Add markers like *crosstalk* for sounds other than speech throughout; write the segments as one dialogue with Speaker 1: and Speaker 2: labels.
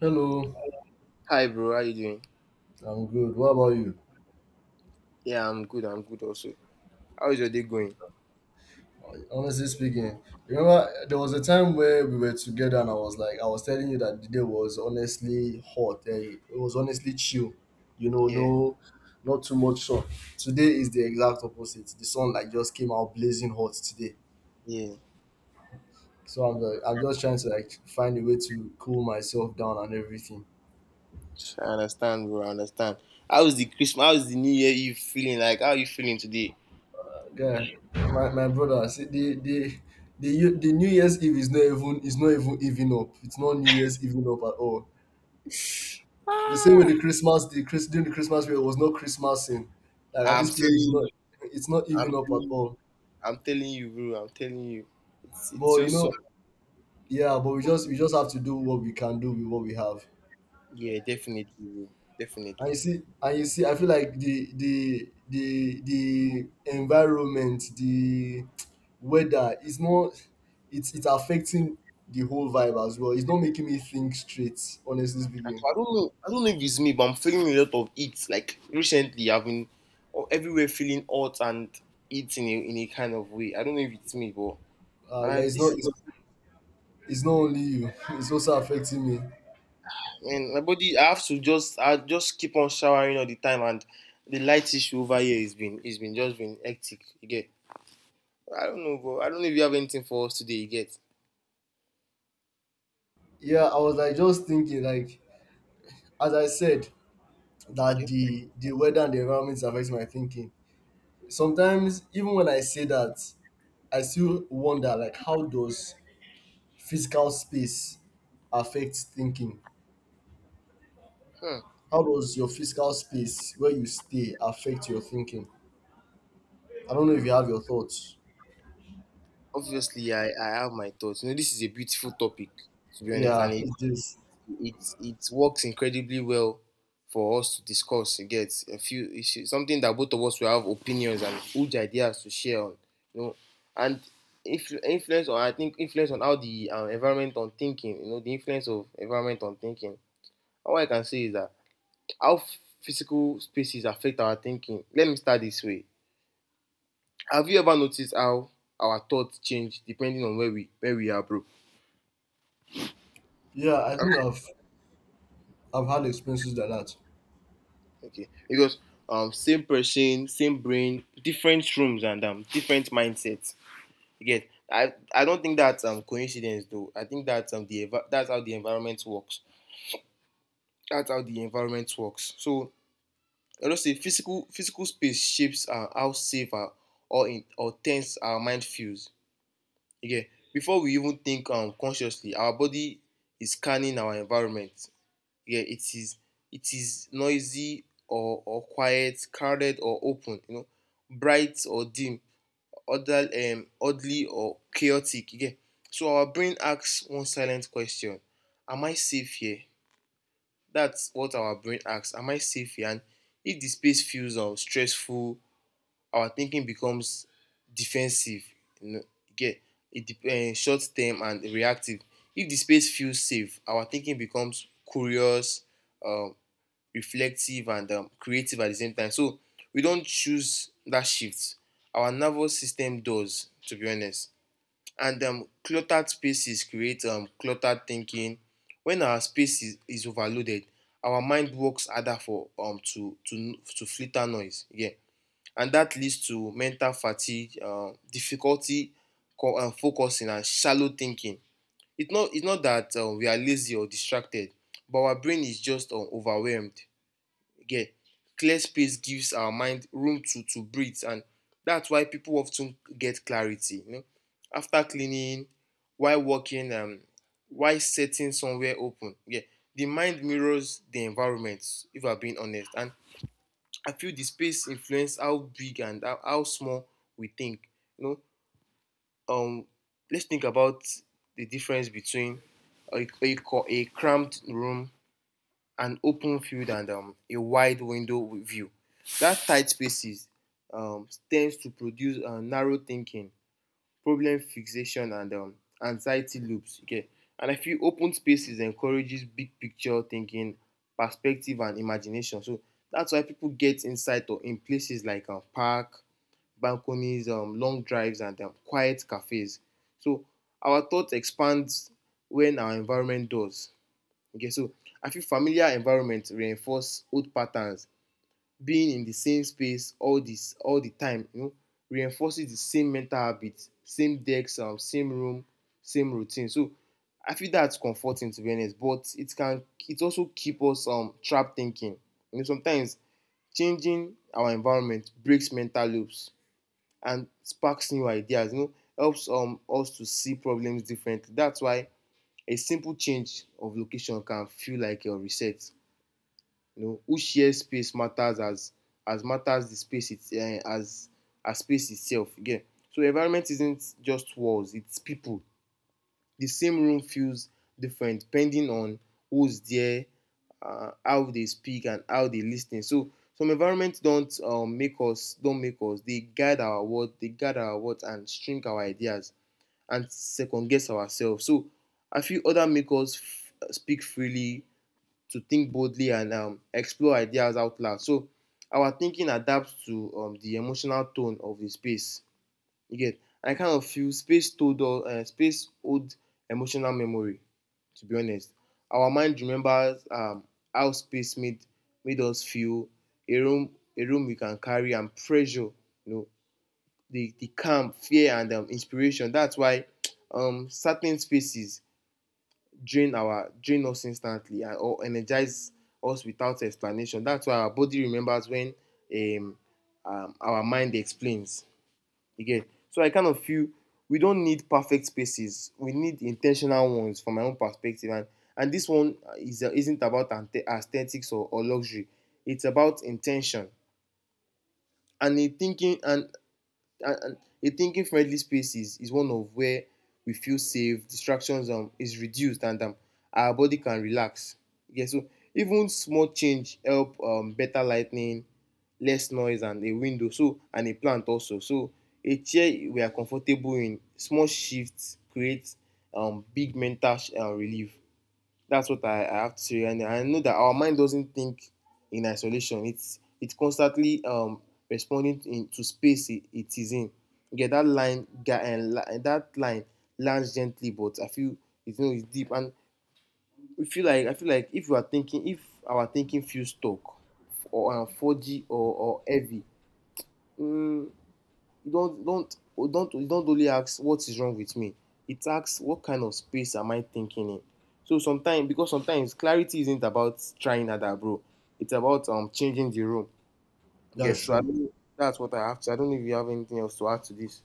Speaker 1: Hello,
Speaker 2: Hi, bro. How you doing?
Speaker 1: I'm good. What about you?
Speaker 2: Yeah, I'm good. I'm good also. How is your day going?
Speaker 1: Honestly speaking, remember there was a time where we were together and I was telling you that the day was honestly hot. It was honestly chill. You know,
Speaker 2: Yeah,
Speaker 1: no, not too much sun. Today is the exact opposite. The sun like just came out blazing hot today.
Speaker 2: yeah.
Speaker 1: So I'm just trying to like find a way to cool myself down and everything.
Speaker 2: I understand, bro. I understand. How's the Christmas? How's the New Year? You feeling like? How are you feeling today?
Speaker 1: Yeah, my brother, see the New Year's Eve is not even even up. It's not New Year's even up at all. The same way the Christmas, the Chris during the Christmas period was not Christmas in. Like at
Speaker 2: I'm
Speaker 1: this period is
Speaker 2: telling
Speaker 1: not
Speaker 2: you.
Speaker 1: it's not
Speaker 2: I'm
Speaker 1: even up
Speaker 2: telling
Speaker 1: at
Speaker 2: you.
Speaker 1: all.
Speaker 2: I'm telling you, bro. I'm telling you. It's
Speaker 1: But you
Speaker 2: just so.
Speaker 1: know, yeah, but we just have to do what we can do with what we have.
Speaker 2: Yeah, definitely, bro.
Speaker 1: And you
Speaker 2: Definitely.
Speaker 1: see and you see I feel like the environment, the weather is not it's it's affecting the whole vibe as well. It's not making me think straight, honestly speaking.
Speaker 2: Actually, I don't know. I don't know if it's me, but I'm feeling a lot of heat. Like recently, I've been everywhere feeling hot and heat in a kind of way. I don't know if it's me, but and I,
Speaker 1: Guys,
Speaker 2: this.
Speaker 1: it's not only you, *laughs* it's also affecting me.
Speaker 2: And my body, I have to just, I just keep on showering all the time, and the light issue over here has been, it's been just been hectic. You get? I don't know, bro. I don't know if you have anything for us today. You get?
Speaker 1: Yeah, I was like just thinking like as I said, that
Speaker 2: Okay.
Speaker 1: the weather and the environment affects my thinking. Sometimes, even when I say that, I still wonder like how does physical space affect thinking?
Speaker 2: Hmm.
Speaker 1: How does your physical space where you stay affect your thinking? I don't know if you have your thoughts.
Speaker 2: Obviously, I have my thoughts. You know, this is a beautiful topic, to be honest,
Speaker 1: Yeah,
Speaker 2: and
Speaker 1: *laughs*
Speaker 2: it,
Speaker 1: it is.
Speaker 2: It it works incredibly well for us to discuss, you get. A few issue something that both of us will have opinions and huge ideas to share on, you know. And influence on I think influence on how the environment on thinking, you know, the influence of environment on thinking. And what I can say is that how physical spaces affect our thinking. Let me start this way. Have you ever noticed how our thoughts change depending on where we are, bro?
Speaker 1: Yeah, I think I've had experiences like that.
Speaker 2: Okay, because same person, same brain, different rooms and different mindset. Again, I don't think that's coincidence though. I think that's that's how the environment works. That's how the environment works. So I don't say physical space shapes, how safe, or tense our mind feels. Again, before we even think consciously, our body is scanning our environment. Yeah, it is noisy or quiet, crowded or open, you know, bright or dim, other oddly or chaotic. Yeah. So our brain asks one silent question. Am I safe here? That's what our brain asks. Am I safe here? And if the space feels stressful, our thinking becomes defensive. You know, yeah, it short term and reactive. If the space feels safe, our thinking becomes curious, um, reflective and creative at the same time. So we don't choose that shift. Our nervous system does, to be honest. And cluttered spaces create cluttered thinking. When our space is overloaded, our mind works harder for to filter noise. Yeah, and that leads to mental fatigue, difficulty focusing, and shallow thinking. It's not that we are lazy or distracted, but our brain is just overwhelmed. Get? Clear space gives our mind room to breathe, and that's why people often get clarity, after cleaning, while walking, while sitting somewhere open. Yeah, the mind mirrors the environment, if I'm being honest. And I feel the space influence how big and how small we think, you know um let's think about the difference between a cramped room, an open field, and a wide window view. That tight spaces, tends to produce, narrow thinking, problem fixation, and anxiety loops. Okay, and I feel open spaces encourages big picture thinking, perspective, and imagination. So that's why people get insight or in places like park, balconies, long drives, and quiet cafes. So our thought expands when our environment does. Okay, so I feel familiar environment reinforce old patterns. Being in the same space all the time, you know, reinforces the same mental habits, same decks, same room, same routine. So I feel that's comforting, to be honest, but it can, it also keep us trapped thinking. You know, sometimes changing our environment breaks mental loops and sparks new ideas, helps us to see problems differently. That's why a simple change of location can feel like a reset. You know, who shares space matters as matters the space. It's as space itself. You get? So environment isn't just walls, it's people. The same room feels different depending on who's there, how they speak, and how they listen. So some environments don't, make us. They guide our words and shrink our ideas and second guess ourselves. So I feel other makers speak freely to think boldly and explore ideas out loud. So our thinking adapts to, the emotional tone of the space. You get? I kind of feel space old emotional memory. To be honest, our mind remembers, how space made us feel. A room we can carry and pressure. You know, the calm, fear, and inspiration. That's why, certain spaces drain us instantly, or energize us without explanation. That's why our body remembers when, um, our mind explains. Again, so I kind of feel we don't need perfect spaces. We need intentional ones, from my own perspective. And this one is isn't about aesthetics or luxury. It's about intention. And in thinking, and a thinking friendly space is one of where we feel safe, distractions, is reduced, and our body can relax. Yeah, so even small change help, better lightning, less noise, and a window. So, and a plant also. So a chair we are comfortable in. Small shifts create, big mental relief. That's what I have to say, and I know that our mind doesn't think in isolation. It's constantly responding in to space it is in. You get? That line guy, and and that line lands gently, but I feel it, it's deep. And I feel like if our thinking feels stuck, or 4G or heavy, um you don't oh, don't you don't only ask what is wrong with me, it asks what kind of space am I thinking in. So sometimes clarity isn't about trying harder, bro. It's about changing the room. Okay.
Speaker 1: That's
Speaker 2: so I
Speaker 1: true.
Speaker 2: don't that's what I have to. I don't know if you have anything else to add to this.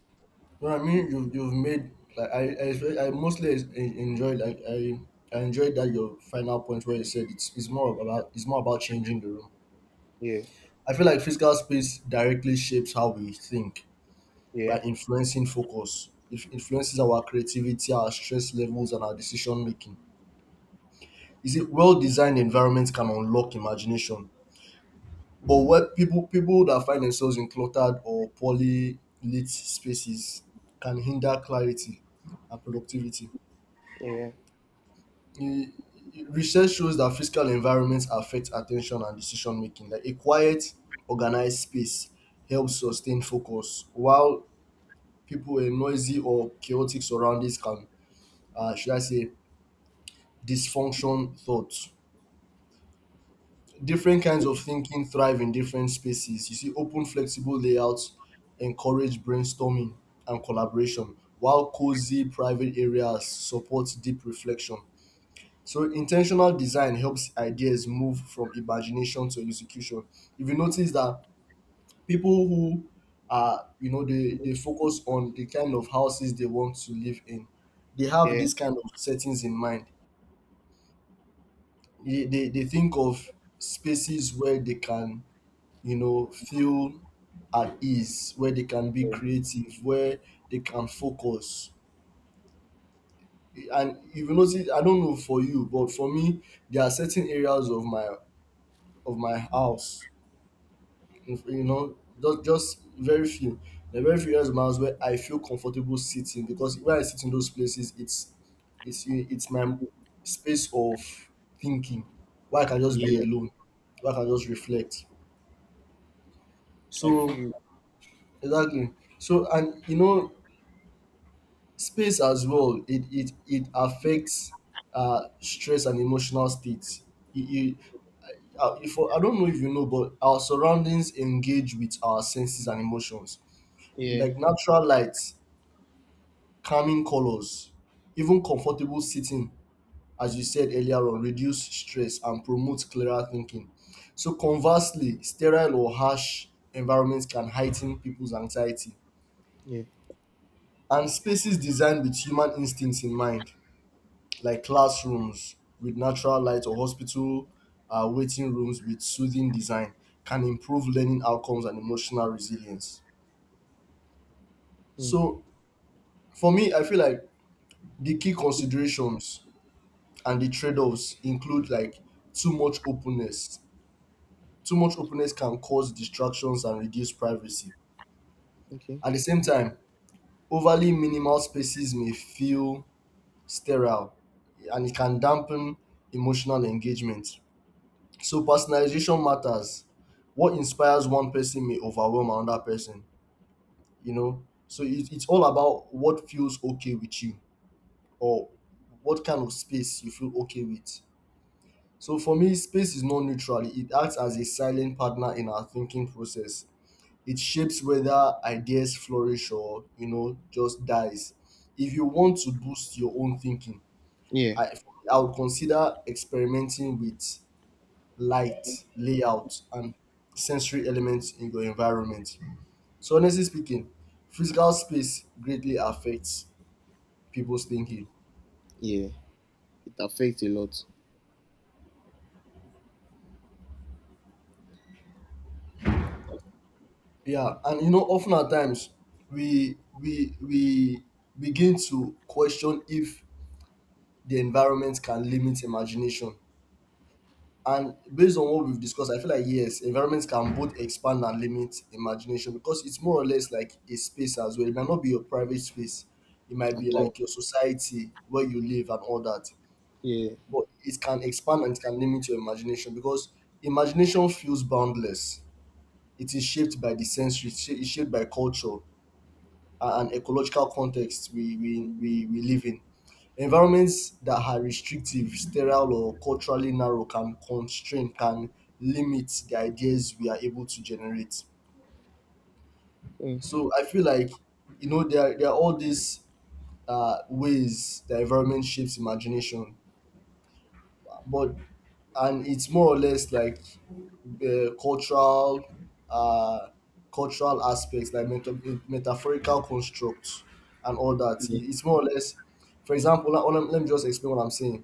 Speaker 1: No, I mean you've made like I, espe- I mostly es- en- enjoyed I enjoyed that your final point where you said it's more about changing the room.
Speaker 2: Yeah.
Speaker 1: I feel like physical space directly shapes how we think
Speaker 2: Yeah,
Speaker 1: by influencing focus. It influences our creativity, our stress levels, and our decision making. Is it Well designed environments can unlock imagination, but what people that find themselves in cluttered or poorly lit spaces can hinder clarity and productivity.
Speaker 2: yeah,
Speaker 1: e- Research shows that physical environments affect attention and decision making. Like a quiet, organized space helps sustain focus, while people in noisy or chaotic surroundings can, should I say, dysfunction thoughts. Different kinds of thinking thrive in different spaces. You see, open, flexible layouts encourage brainstorming and collaboration, while cozy, private areas support deep reflection. So intentional design helps ideas move from imagination to execution. If you notice that people who are, they focus on the kind of houses they want to live in, they have
Speaker 2: yeah.
Speaker 1: this kind of settings in mind. They think of spaces where they can, feel at ease, where they can be
Speaker 2: Yeah,
Speaker 1: creative, where they can focus. And if you notice, I don't know for you, but for me, there are certain areas of my house. If- you know just very few, there are very few just miles where I feel comfortable sitting, because when I sit in those places, it's my space of thinking, where I can just be
Speaker 2: yeah.
Speaker 1: alone, where I can just reflect.
Speaker 2: I
Speaker 1: So
Speaker 2: feel.
Speaker 1: exactly, so and space as well, it affects stress and emotional states. It, if, I don't know if you know, but our surroundings engage with our senses and emotions.
Speaker 2: Yeah.
Speaker 1: Like natural light, calming colors, even comfortable sitting, as you said earlier on, reduce stress and promote clearer thinking. So conversely, sterile or harsh environments can heighten people's anxiety,
Speaker 2: Yeah.
Speaker 1: and spaces designed with human instincts in mind, like classrooms with natural light, or hospital waiting rooms with soothing design, can improve learning outcomes and emotional resilience.
Speaker 2: Mm.
Speaker 1: So for me, I feel like the key considerations and the trade-offs include, like, too much openness. Too much openness can cause distractions and reduce privacy.
Speaker 2: Okay.
Speaker 1: At the same time, overly minimal spaces may feel sterile, and it can dampen emotional engagement. So personalization matters. What inspires one person may overwhelm another person. So it's all about what feels okay with you, or what kind of space you feel okay with. So for me, space is not neutral. It acts as a silent partner in our thinking process. It shapes whether ideas flourish, or just dies. If you want to boost your own thinking,
Speaker 2: Yeah,
Speaker 1: I I would consider experimenting with light, layout, and sensory elements in your environment. So honestly speaking, physical space greatly affects people's thinking.
Speaker 2: yeah, it affects a lot.
Speaker 1: Yeah, and often at times, we begin to question if the environment can limit imagination. And based on what we've discussed, I feel like, yes, environments can both expand and limit imagination, because it's more or less like a space as well. It might not be your private space, it might
Speaker 2: At
Speaker 1: be
Speaker 2: all.
Speaker 1: like your society where you live and all that.
Speaker 2: Yeah.
Speaker 1: But it can expand and it can limit your imagination, because imagination feels boundless. It is shaped by the sensory, it's shaped by culture and ecological context we live in. Environments that are restrictive, sterile, or culturally narrow can constrain, can limit the ideas we are able to generate.
Speaker 2: Mm.
Speaker 1: So I feel like, there are all these ways the environment shapes imagination, but and it's more or less like uh, cultural uh, cultural aspects, like metaphorical constructs and all that.
Speaker 2: Yeah,
Speaker 1: It's more or less, for example, let me just explain what I'm saying.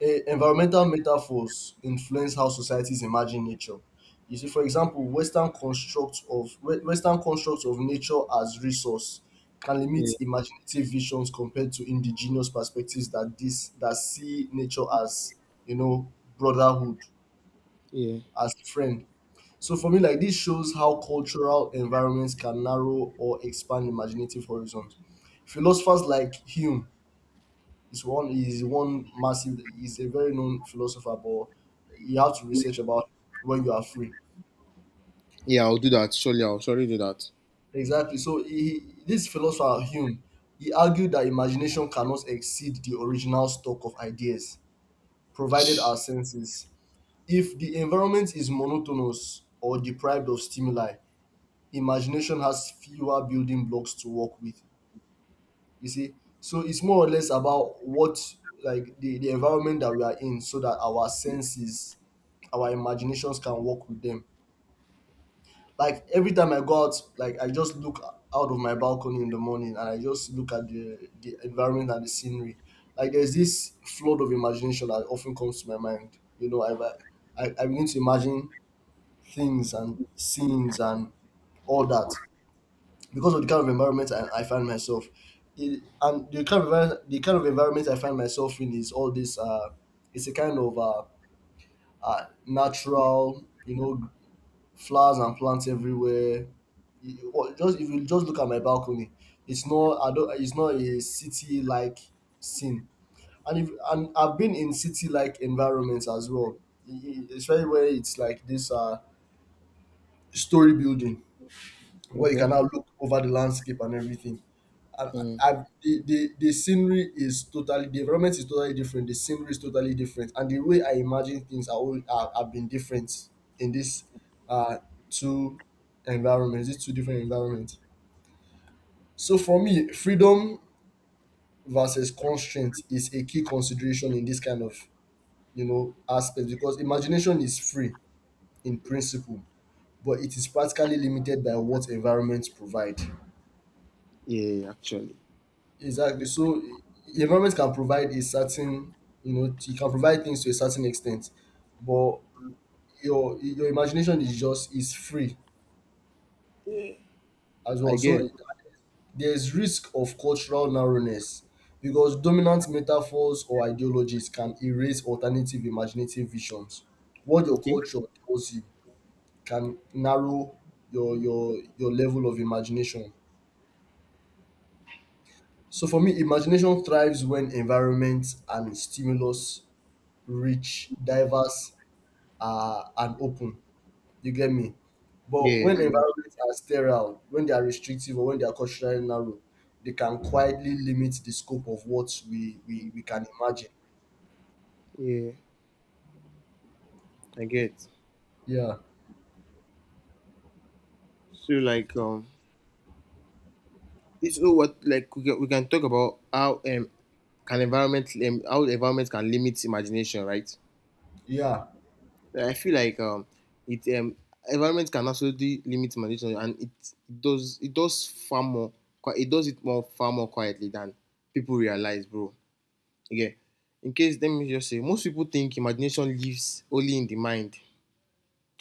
Speaker 1: Environmental metaphors influence how societies imagine nature. You see, for example, Western constructs of nature as resource can limit
Speaker 2: yeah,
Speaker 1: imaginative visions compared to indigenous perspectives that see nature as, you know brotherhood,
Speaker 2: yeah.
Speaker 1: as friend. So for me, like, this shows how cultural environments can narrow or expand imaginative horizons. Philosophers like Hume, it's one he's one massive he's a very known philosopher, but you have to research about when you are free.
Speaker 2: Yeah, I'll do that. Surely, I'll surely do that.
Speaker 1: Exactly. So this philosopher Hume, he argued that imagination cannot exceed the original stock of ideas, provided our senses. If the environment is monotonous or deprived of stimuli, imagination has fewer building blocks to work with. You see, so it's more or less about what, like, the environment that we are in, so that our senses, our imaginations can work with them. Like every time I go out, like I just look out of my balcony in the morning, and I just look at the environment and the scenery. Like there's this flood of imagination that often comes to my mind. I begin to imagine things and scenes and all that, because of the kind of environment I find myself. And the kind of environment, I find myself in is all this. It's a kind of natural, flowers and plants everywhere. Or just if you just look at my balcony, it's not. I don't. It's not a city like scene. And if and I've been in city like environments as well, E- especially where it's like this story building where you can
Speaker 2: Okay.
Speaker 1: now look over the landscape and everything. I
Speaker 2: Mm.
Speaker 1: I The environment is totally different, the scenery is totally different, and the way I imagine things are, all, are have been different in this uh two environments these two different environments. So for me, freedom versus constraint is a key consideration in this kind of, aspect, because imagination is free in principle, but it is practically limited by what environments provide.
Speaker 2: Yeah, yeah, yeah, actually,
Speaker 1: Exactly. So the environment can provide a certain, it can provide things to a certain extent, but your imagination is free as well.
Speaker 2: I get.
Speaker 1: So there's risk of cultural narrowness, because dominant metaphors or ideologies can erase alternative imaginative visions. What your
Speaker 2: Okay.
Speaker 1: culture tells you can narrow your level of imagination. So for me, imagination thrives when environment and stimulus rich, diverse, and open. You get me?
Speaker 2: Yeah.
Speaker 1: But
Speaker 2: Yeah,
Speaker 1: when
Speaker 2: yeah.
Speaker 1: environments are sterile, when they are restrictive, or when they are culturally narrow, they can quietly limit the scope of what we can imagine.
Speaker 2: Yeah, I get.
Speaker 1: Yeah,
Speaker 2: So like, it's know what, like we can talk about how, can environment, how the environment can limit imagination, right?
Speaker 1: yeah.
Speaker 2: Like, I feel like it environment can absolutely limit imagination, and it does far more qui- it does it more far more quietly than people realize, bro. Okay. In case, let me just say, most people think imagination lives only in the mind,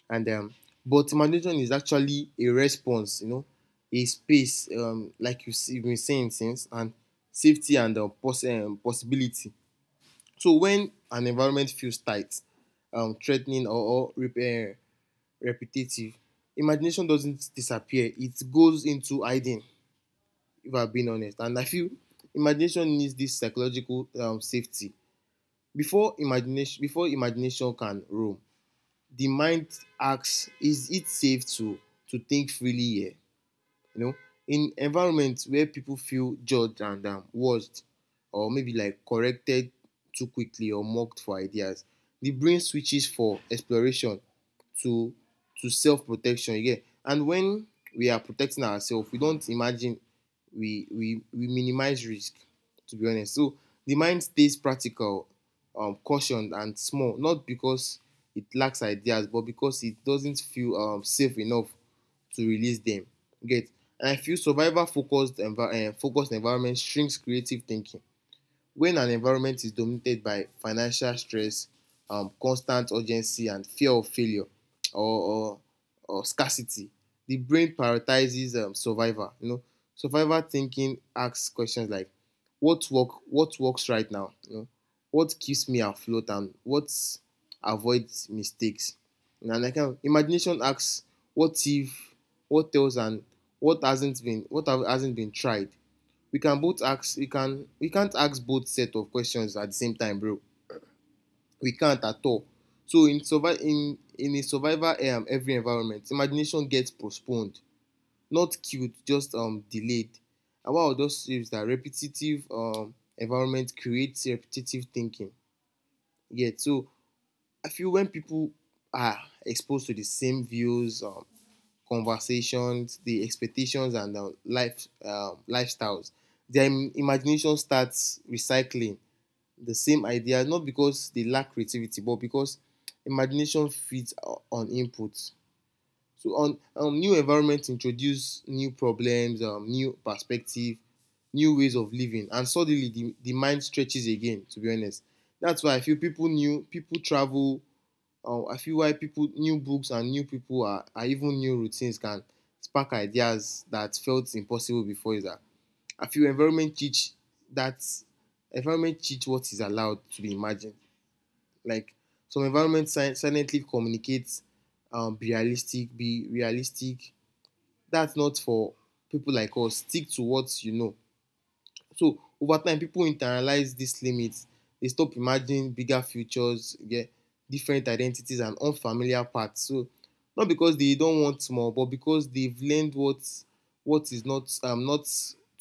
Speaker 2: and but imagination is actually a response. You know, a space, like you have been saying since, and safety and, possibility. So when an environment feels tight, threatening, or repetitive, imagination doesn't disappear. It goes into hiding. If I have been honest, and I feel imagination needs this psychological, safety before imagination, can roam. The mind asks, is it safe to think freely here? You know, in environment where people feel judged and, watched, or maybe like corrected too quickly, or mocked for ideas, the brain switches for exploration to to self protection. You get? And when we are protecting ourselves, we don't imagine, we minimize risk. To be honest, so the mind stays practical, cautioned and small, not because it lacks ideas, but because it doesn't feel, safe enough to release them. Get? And I feel survivor focused, focused environment shrinks creative thinking. When an environment is dominated by financial stress, constant urgency, and fear of failure, or or, or scarcity, the brain prioritizes, survival. You know, survival thinking asks questions like, What works right now? You know, what keeps me afloat, and what avoids mistakes?" And I can imagination asks, "What if? What else? And what hasn't been? What hasn't been tried?" We can't ask both set of questions at the same time, bro. We can't at all. So in survival in a survival every environment, imagination gets postponed, not killed, just delayed. And one of those things that repetitive environment creates repetitive thinking. Yeah, so I feel when people are exposed to the same views, conversations, the expectations, and the lifestyles. Their imagination starts recycling the same idea, not because they lack creativity, but because imagination feeds on input. So, on new environment introduce new problems, new perspective, new ways of living, and suddenly the mind stretches again. To be honest, that's why I feel people travel I feel why people, new books and new people, are even new routines can spark ideas that felt impossible before is that I feel environment teach that environment teach what is allowed to be imagined. Like some environment silently communicates, be realistic, be realistic. That's not for people like us. Stick to what you know. So over time, people internalize these limits. They stop imagining bigger futures, yeah, different identities, and unfamiliar paths. So not because they don't want more, but because they've learned what is not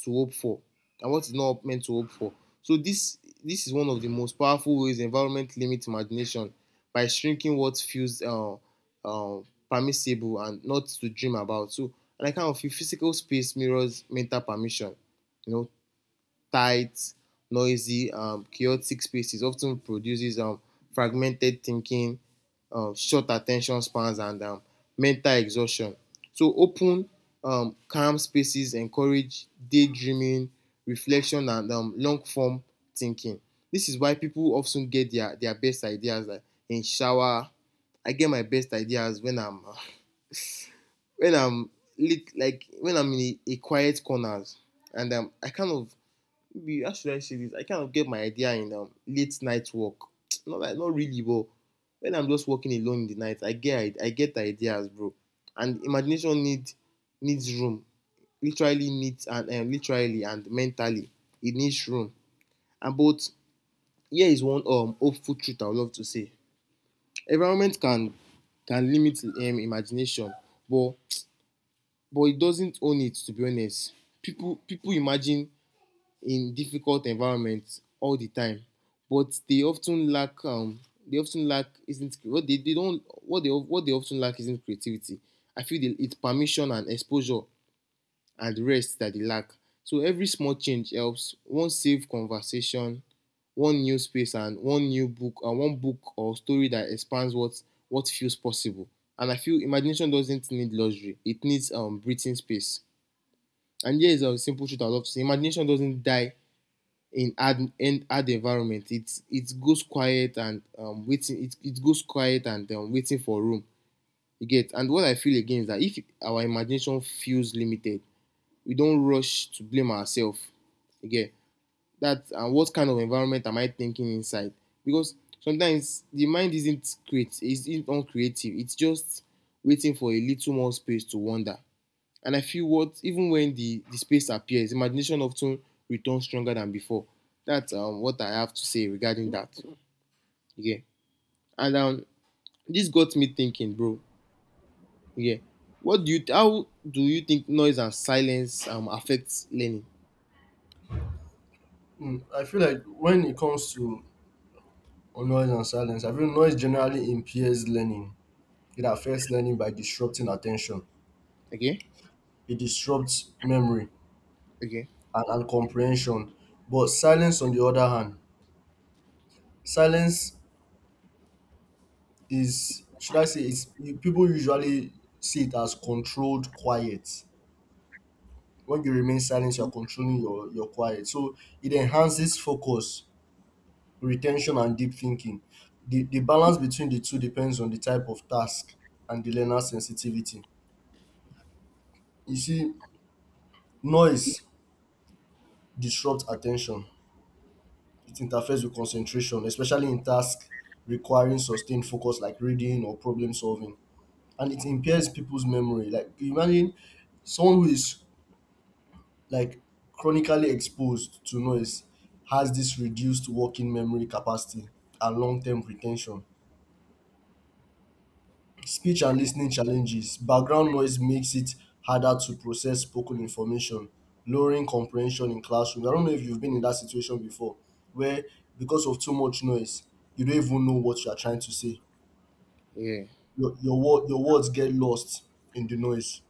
Speaker 2: to hope for and what is not meant to hope for. So this is one of the most powerful ways environment limit imagination by shrinking what feels uh, permissible and not to dream about. So and I kind of feel physical space mirrors mental permission. You know, tight, noisy, chaotic spaces often produces fragmented thinking, short attention spans, and mental exhaustion. So, open, calm spaces encourage daydreaming, reflection, and long form thinking. This is why people often get their best ideas, like, in shower. I get my best ideas when I'm *laughs* when I'm lit, like when I'm in a quiet corners, and I kind of maybe how should I say this? I kind of get my idea in late night work. *tsk* Not like not really, but when I'm just working alone in the night, I get ideas, bro. And imagination need needs room. Literally needs and literally and mentally, it needs room. And but here is one hopeful truth I would love to say: environment can limit imagination, but *tsk* but it doesn't own it. To be honest, people imagine in difficult environments all the time, but they often lack isn't what they don't what they often lack isn't creativity. I feel they, it's permission and exposure and rest that they lack. So every small change helps. One safe conversation, one new space, and one new book, and one book or story that expands what feels possible. And I feel imagination doesn't need luxury; it needs breathing space. And here is a simple truth I love to say: imagination doesn't die in ad environment. It's it goes quiet and it goes quiet and waiting for room. You get? And what I feel again is that if our imagination feels limited, we don't rush to blame ourselves. You get that? And what kind of environment am I thinking inside? Because sometimes the mind isn't uncreative, it's just waiting for a little more space to wander. And I feel what even when the space appears, imagination often returns stronger than before. That's what I have to say regarding that. Yeah. And this got me thinking, bro. Yeah. What do you how do you think noise and silence affects learning?
Speaker 1: I feel like when it comes to noise and silence, I feel noise generally impairs learning. It affects learning by disrupting attention.
Speaker 2: Okay?
Speaker 1: It disrupts memory
Speaker 2: Okay.
Speaker 1: and comprehension. But silence, on the other hand, silence is, should I say, people usually see it as controlled quiet. When you remain silent, you're controlling your quiet. So it enhances focus, retention, and deep thinking. The balance between the two depends on the type of task and the learner's sensitivity. You see, noise disrupts attention. It interferes with concentration, especially in tasks requiring sustained focus like reading or problem solving. And it impairs people's memory. Like imagine someone who is like chronically exposed to noise has this reduced working memory capacity and long-term retention. Speech and listening challenges. Background noise makes it harder to process spoken information, lowering comprehension in classrooms. I don't know if you've been in that situation before where because of too much noise, you don't even know what you are trying to say.
Speaker 2: Yeah.
Speaker 1: Your words get lost in the noise.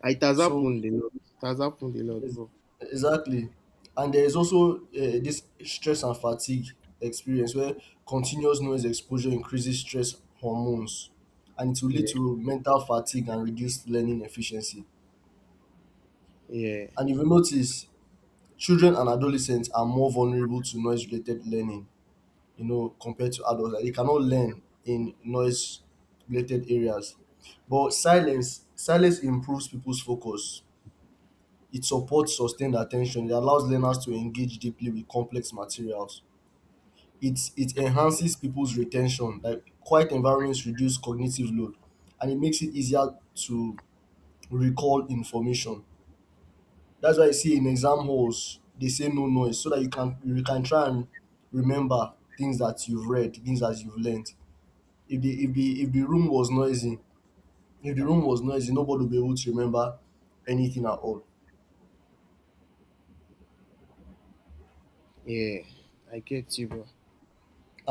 Speaker 2: Ah, it has
Speaker 1: So
Speaker 2: happened a lot. It has happened a lot,
Speaker 1: Ex-
Speaker 2: bro.
Speaker 1: exactly. And there is also this stress and fatigue experience where continuous noise exposure increases stress hormones and it will lead
Speaker 2: Yeah.
Speaker 1: to mental fatigue and reduced learning efficiency.
Speaker 2: Yeah.
Speaker 1: And if you notice, children and adolescents are more vulnerable to noise related learning, you know, compared to adults. Like, they cannot learn in noise related areas. But silence improves people's focus. It supports sustained attention. It allows learners to engage deeply with complex materials. It enhances people's retention. Like quiet environments reduce cognitive load and it makes it easier to recall information. That's why I see in exam halls they say no noise so that you can try and remember things that you've read, things that you've learned. If the room was noisy, if the room was noisy, nobody will be able to remember anything at all.
Speaker 2: Yeah. I get you, bro.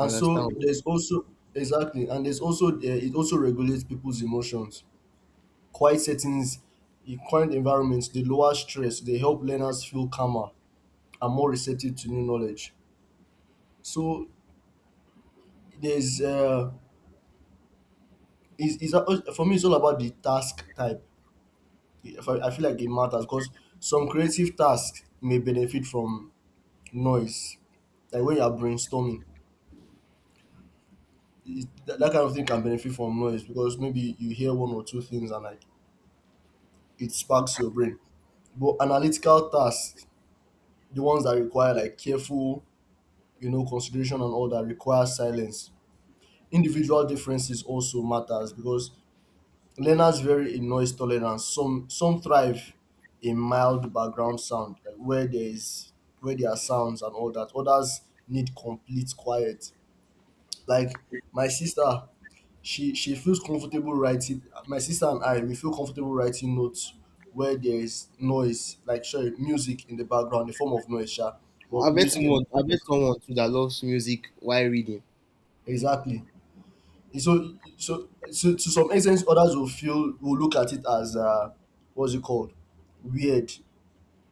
Speaker 2: I
Speaker 1: so
Speaker 2: understand.
Speaker 1: there's also exactly, and there's also it also regulates people's emotions. Quiet settings, in quiet environments, they lower stress, they help learners feel calmer and more receptive to new knowledge. So there's is for me it's all about the task type. If I feel like it matters because some creative tasks may benefit from noise, like when you are brainstorming that kind of thing can benefit from noise because maybe you hear one or two things and like it sparks your brain. But analytical tasks, the ones that require like careful, you know, consideration and all that require silence. Individual differences also matters because learners vary in noise tolerance. Some thrive in mild background sound, like where there are sounds and all that. Others need complete quiet. Like my sister, she feels comfortable writing. My sister and I, we feel comfortable writing notes where there is noise, like sorry, music in the background, the form of noise, sha, but music in the,
Speaker 2: I
Speaker 1: in the
Speaker 2: bet someone too that loves music while reading.
Speaker 1: exactly. So to some extent, others will feel will look at it as what's it called, weird.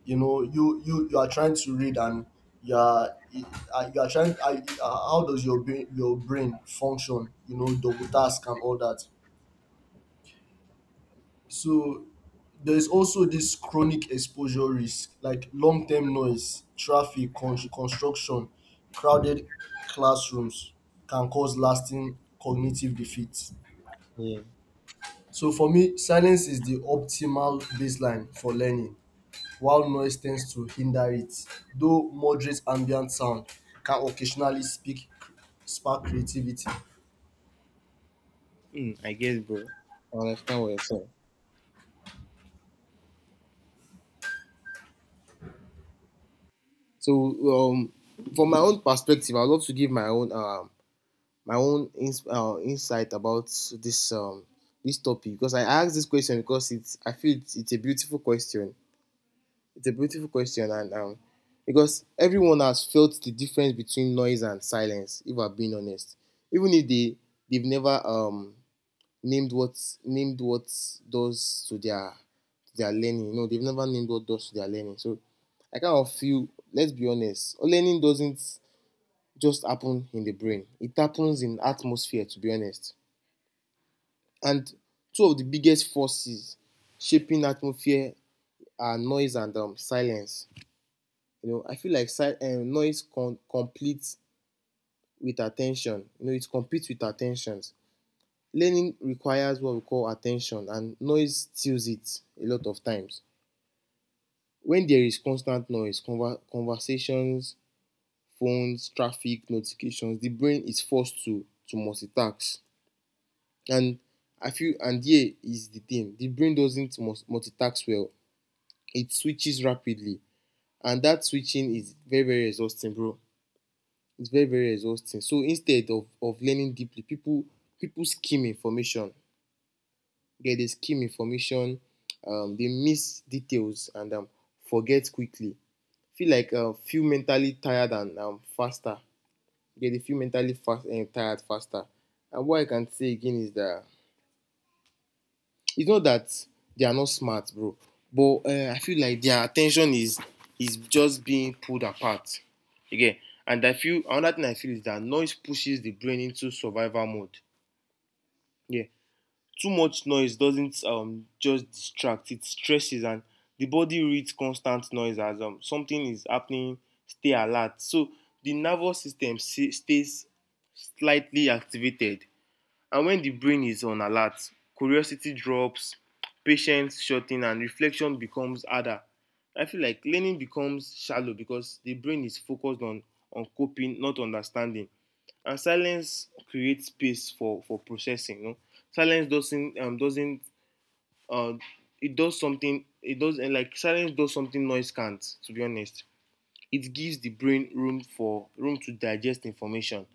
Speaker 1: You know, you are trying to read and you are you are trying. How does your brain function? You know, double task and all that. So there's also this chronic exposure risk, like long term noise, traffic, construction, crowded classrooms can cause lasting cognitive defeat.
Speaker 2: Yeah,
Speaker 1: So for me, silence is the optimal baseline for learning, while noise tends to hinder it, though moderate ambient sound can occasionally spark creativity.
Speaker 2: bro. I understand what you're saying. So, um, from my own perspective, I'd love to give my own insight about this um this topic because I asked this question because it's I feel it's a beautiful question. It's a beautiful question, and because everyone has felt the difference between noise and silence. If I'm being honest, even if they they've never named what named what does to their learning. No, they've never named what does to their learning. So I kind of feel, let's be honest, learning doesn't just happen in the brain. It happens in atmosphere, to be honest. And two of the biggest forces shaping atmosphere are noise and silence. You know, I feel like noise competes with attention. You know, it competes with attentions. Learning requires what we call attention, and noise steals it a lot of times. When there is constant noise, conversations, phones, traffic, notifications, the brain is forced to multitask. And I feel and here is the thing, the brain doesn't multitask well. It switches rapidly, and that switching is very very exhausting, bro. It's very very exhausting. So instead of learning deeply, people skim information, get the skim information, dey miss details and forget quickly. Feel like feel mentally tired and faster. Get dey feel mentally fast and tired faster. And what I can say again is that it's not that they are not smart, bro, but I feel like their attention is just being pulled apart. You. And I feel another thing I feel is that noise pushes the brain into survival mode. Yeah. Too much noise doesn't just distract, it stresses, and the body reads constant noise as something is happening, stay alert. So the nervous system stays slightly activated. And when the brain is on alert, curiosity drops, patience shor ten, and reflection becomes harder. I feel like learning becomes shallow because the brain is focused on coping, not understanding. And silence creates space for processing, you know. Silence doesn't uh it does something, it does like silence does something noise can't, to be honest. It gives the brain room to digest information.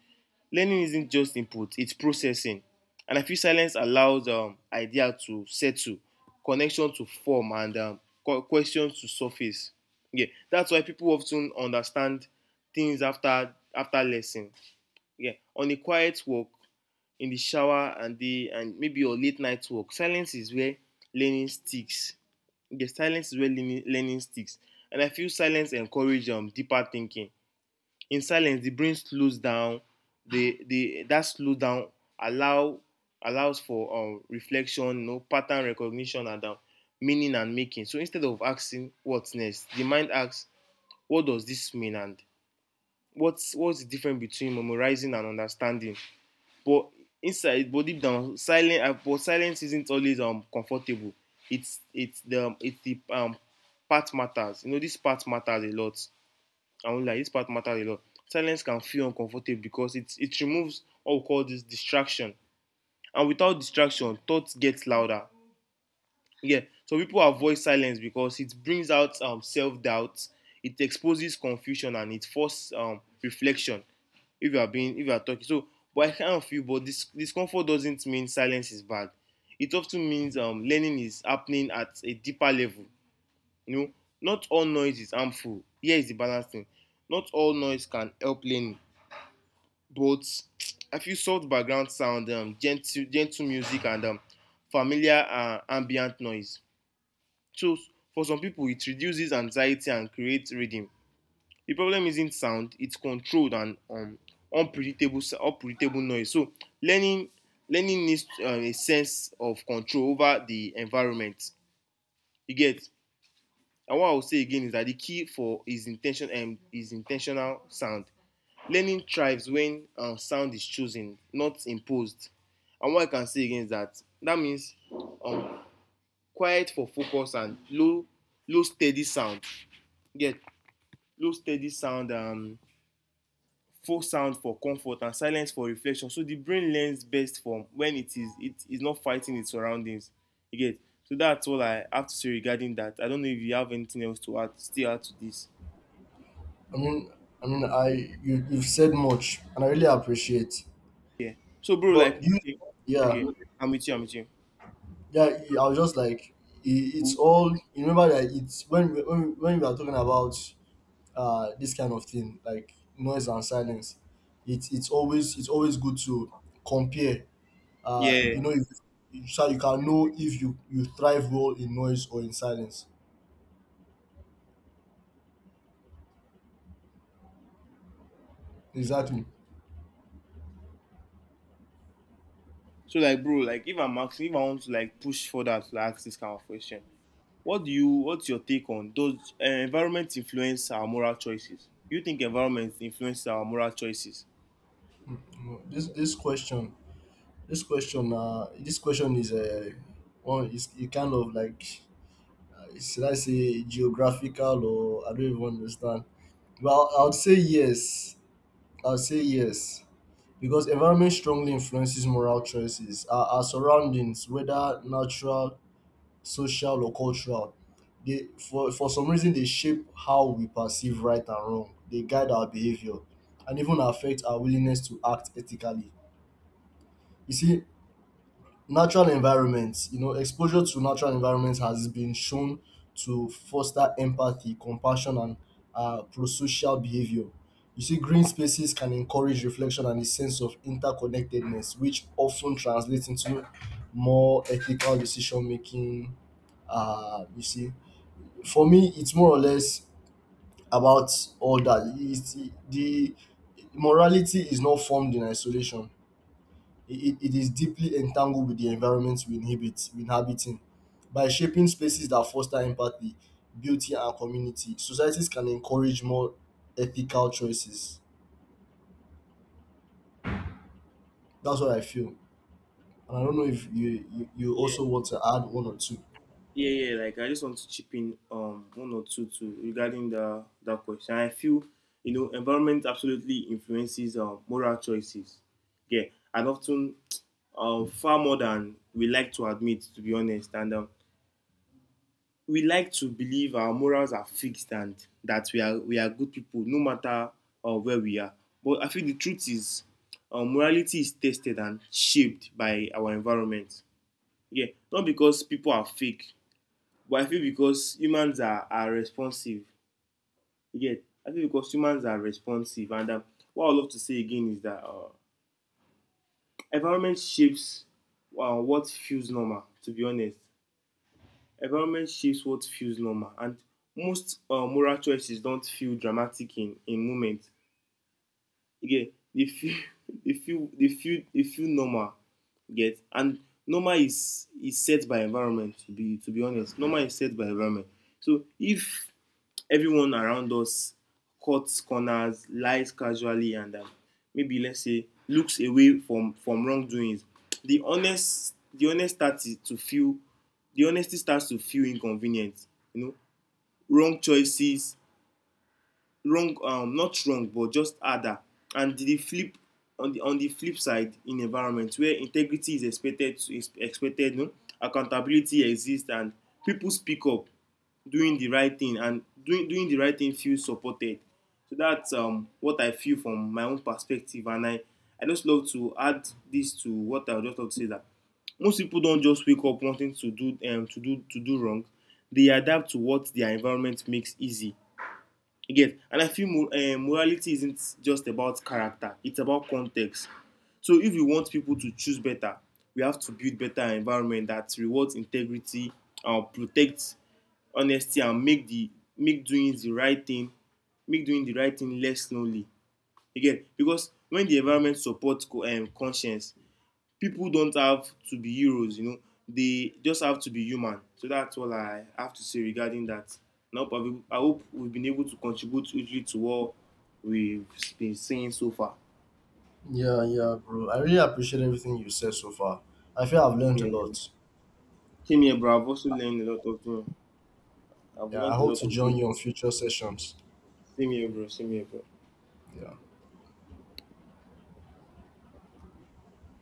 Speaker 2: Learning isn't just input, it's processing. And I feel silence allows idea to settle, connection to form, and questions to surface. Yeah, that's why people often understand things after after lesson, yeah, on a quiet walk, in the shower and the and maybe your late night walk. Silence is where learning sticks. The silence is where learning sticks. And I feel silence encourages deeper thinking. In silence the brain slows down. The That slow down allow allows for reflection, you know, pattern recognition, and meaning and making. So instead of asking what's next, the mind asks what does this mean, and what's the difference between memorizing and understanding? But inside but deep down silence but silence isn't always comfortable. It's the part matters, you know, this part matters a lot. I only like this part matters a lot. Silence can feel uncomfortable because it removes what we call this distraction. And without distraction, thoughts get louder. Yeah, so people avoid silence because it brings out self doubt, it exposes confusion, and it forces reflection. If you are being, if you are talking, so but I kind of feel, but this discomfort doesn't mean silence is bad. It often means learning is happening at a deeper level, you know. Not all noise is harmful, here is the balance thing. Not all noise can help learning, but I feel soft background sound, gentle music, and familiar ambient noise. So for some people it reduces anxiety and creates rhythm. The problem isn't sound, it's controlled and unpredictable noise. So learning learning needs a sense of control over the environment. You get? And what I will say again is that the key for is intention and is intentional sound. Learning thrives when sound is chosen, not imposed. And what I can say again is that that means um, quiet for focus, and low steady sound. Get, yeah, low steady sound, full sound for comfort, and silence for reflection. So the brain learns best from when it is not fighting its surroundings. You get. So that's all I have to say regarding that. I don't know if you have anything else to add, still add to this.
Speaker 1: mean, I you've said much, and I really appreciate.
Speaker 2: Yeah. So, bro,
Speaker 1: But
Speaker 2: like,
Speaker 1: do you,
Speaker 2: okay,
Speaker 1: yeah.
Speaker 2: okay, I'm with you, I'm with you.
Speaker 1: Yeah, I was just like, I it's all. You remember that it's when we are talking about this kind of thing like noise and silence. It's always, it's always good to compare.
Speaker 2: Yeah.
Speaker 1: You know, if, so you can know if you thrive well in noise or in silence. Exactly.
Speaker 2: So, like, bro, like, if I'm asking, if I want to, like, push further to like, ask this kind of question, what's your take on those environment influence our moral choices? You think environment influences our moral choices?
Speaker 1: Mm, mm. This this question this question is a one is a kind of like, should I say geographical, or I don't even understand. Well, I would say yes. I would say yes, because environment strongly influences moral choices. Our surroundings, whether natural, social, or cultural, they for some reason they shape how we perceive right and wrong. They guide our behavior and even affect our willingness to act ethically. You see, natural environments, you know, exposure to natural environments has been shown to foster empathy, compassion, and prosocial behavior. You see, green spaces can encourage reflection and a sense of interconnectedness, which often translates into more ethical decision making. You see, for me, it's more or less about all that. It's, the morality is not formed in isolation, it is deeply entangled with the environments we inhabit in. By shaping spaces that foster empathy, beauty, and community, societies can encourage more ethical choices. That's what I feel. And I don't know if you also want to add one or two.
Speaker 2: Yeah, yeah. Like I just want to chip in one or two to regarding the that question. I feel you know environment absolutely influences moral choices. Yeah, and often far more than we like to admit. To be honest, and we like to believe our morals are fixed, and that we are good people no matter where we are. But I feel the truth is morality is tested and shaped by our environment. Yeah, not because people are fake, but I feel because humans are responsive. Yeah, I feel because humans are responsive. And what I would love to say again is that environment shapes what feels normal, to be honest. Environment shapes what feels normal. And most moral choices don't feel dramatic in moments. You get dey feel *laughs* dey feel normal. Get. And normal is set by environment, to be honest, normal is set by environment. So if everyone around us cuts corners, lies casually, and maybe let's say looks away from wrongdoings, the honest starts to feel, the honesty starts to feel inconvenient, you know. Wrong choices, wrong not wrong but just harder. And the flip on the flip side, in environment where integrity is expected to is expected, no, accountability exists, and people speak up, doing the right thing feels supported. So that's what I feel from my own perspective, and I just love to add this to what I would just love to say that most people don't just wake up wanting to do wrong. They adapt to what their environment makes easy. You get? And I feel morality isn't just about character, it's about context. So if we want people to choose better, we have to build better environment that rewards integrity, protects honesty, and make doing the right thing, make doing the right thing less lonely. You get? Because when the environment supports conscience, people don't have to be heroes, you know. They just have to be human. So that's all I have to say regarding that. And I hope, I hope we've been able to contribute hugely to what we've been saying so far.
Speaker 1: Yeah, yeah, bro. I really appreciate everything you said so far. I feel I've
Speaker 2: Same
Speaker 1: learned a
Speaker 2: here, bro.
Speaker 1: lot.
Speaker 2: Same here, bro. I've also learned a lot of things. I've
Speaker 1: Yeah, I
Speaker 2: learned a
Speaker 1: hope
Speaker 2: lot
Speaker 1: to
Speaker 2: of
Speaker 1: join
Speaker 2: things.
Speaker 1: you on future sessions.
Speaker 2: Same here, bro. Same here, bro.
Speaker 1: Yeah.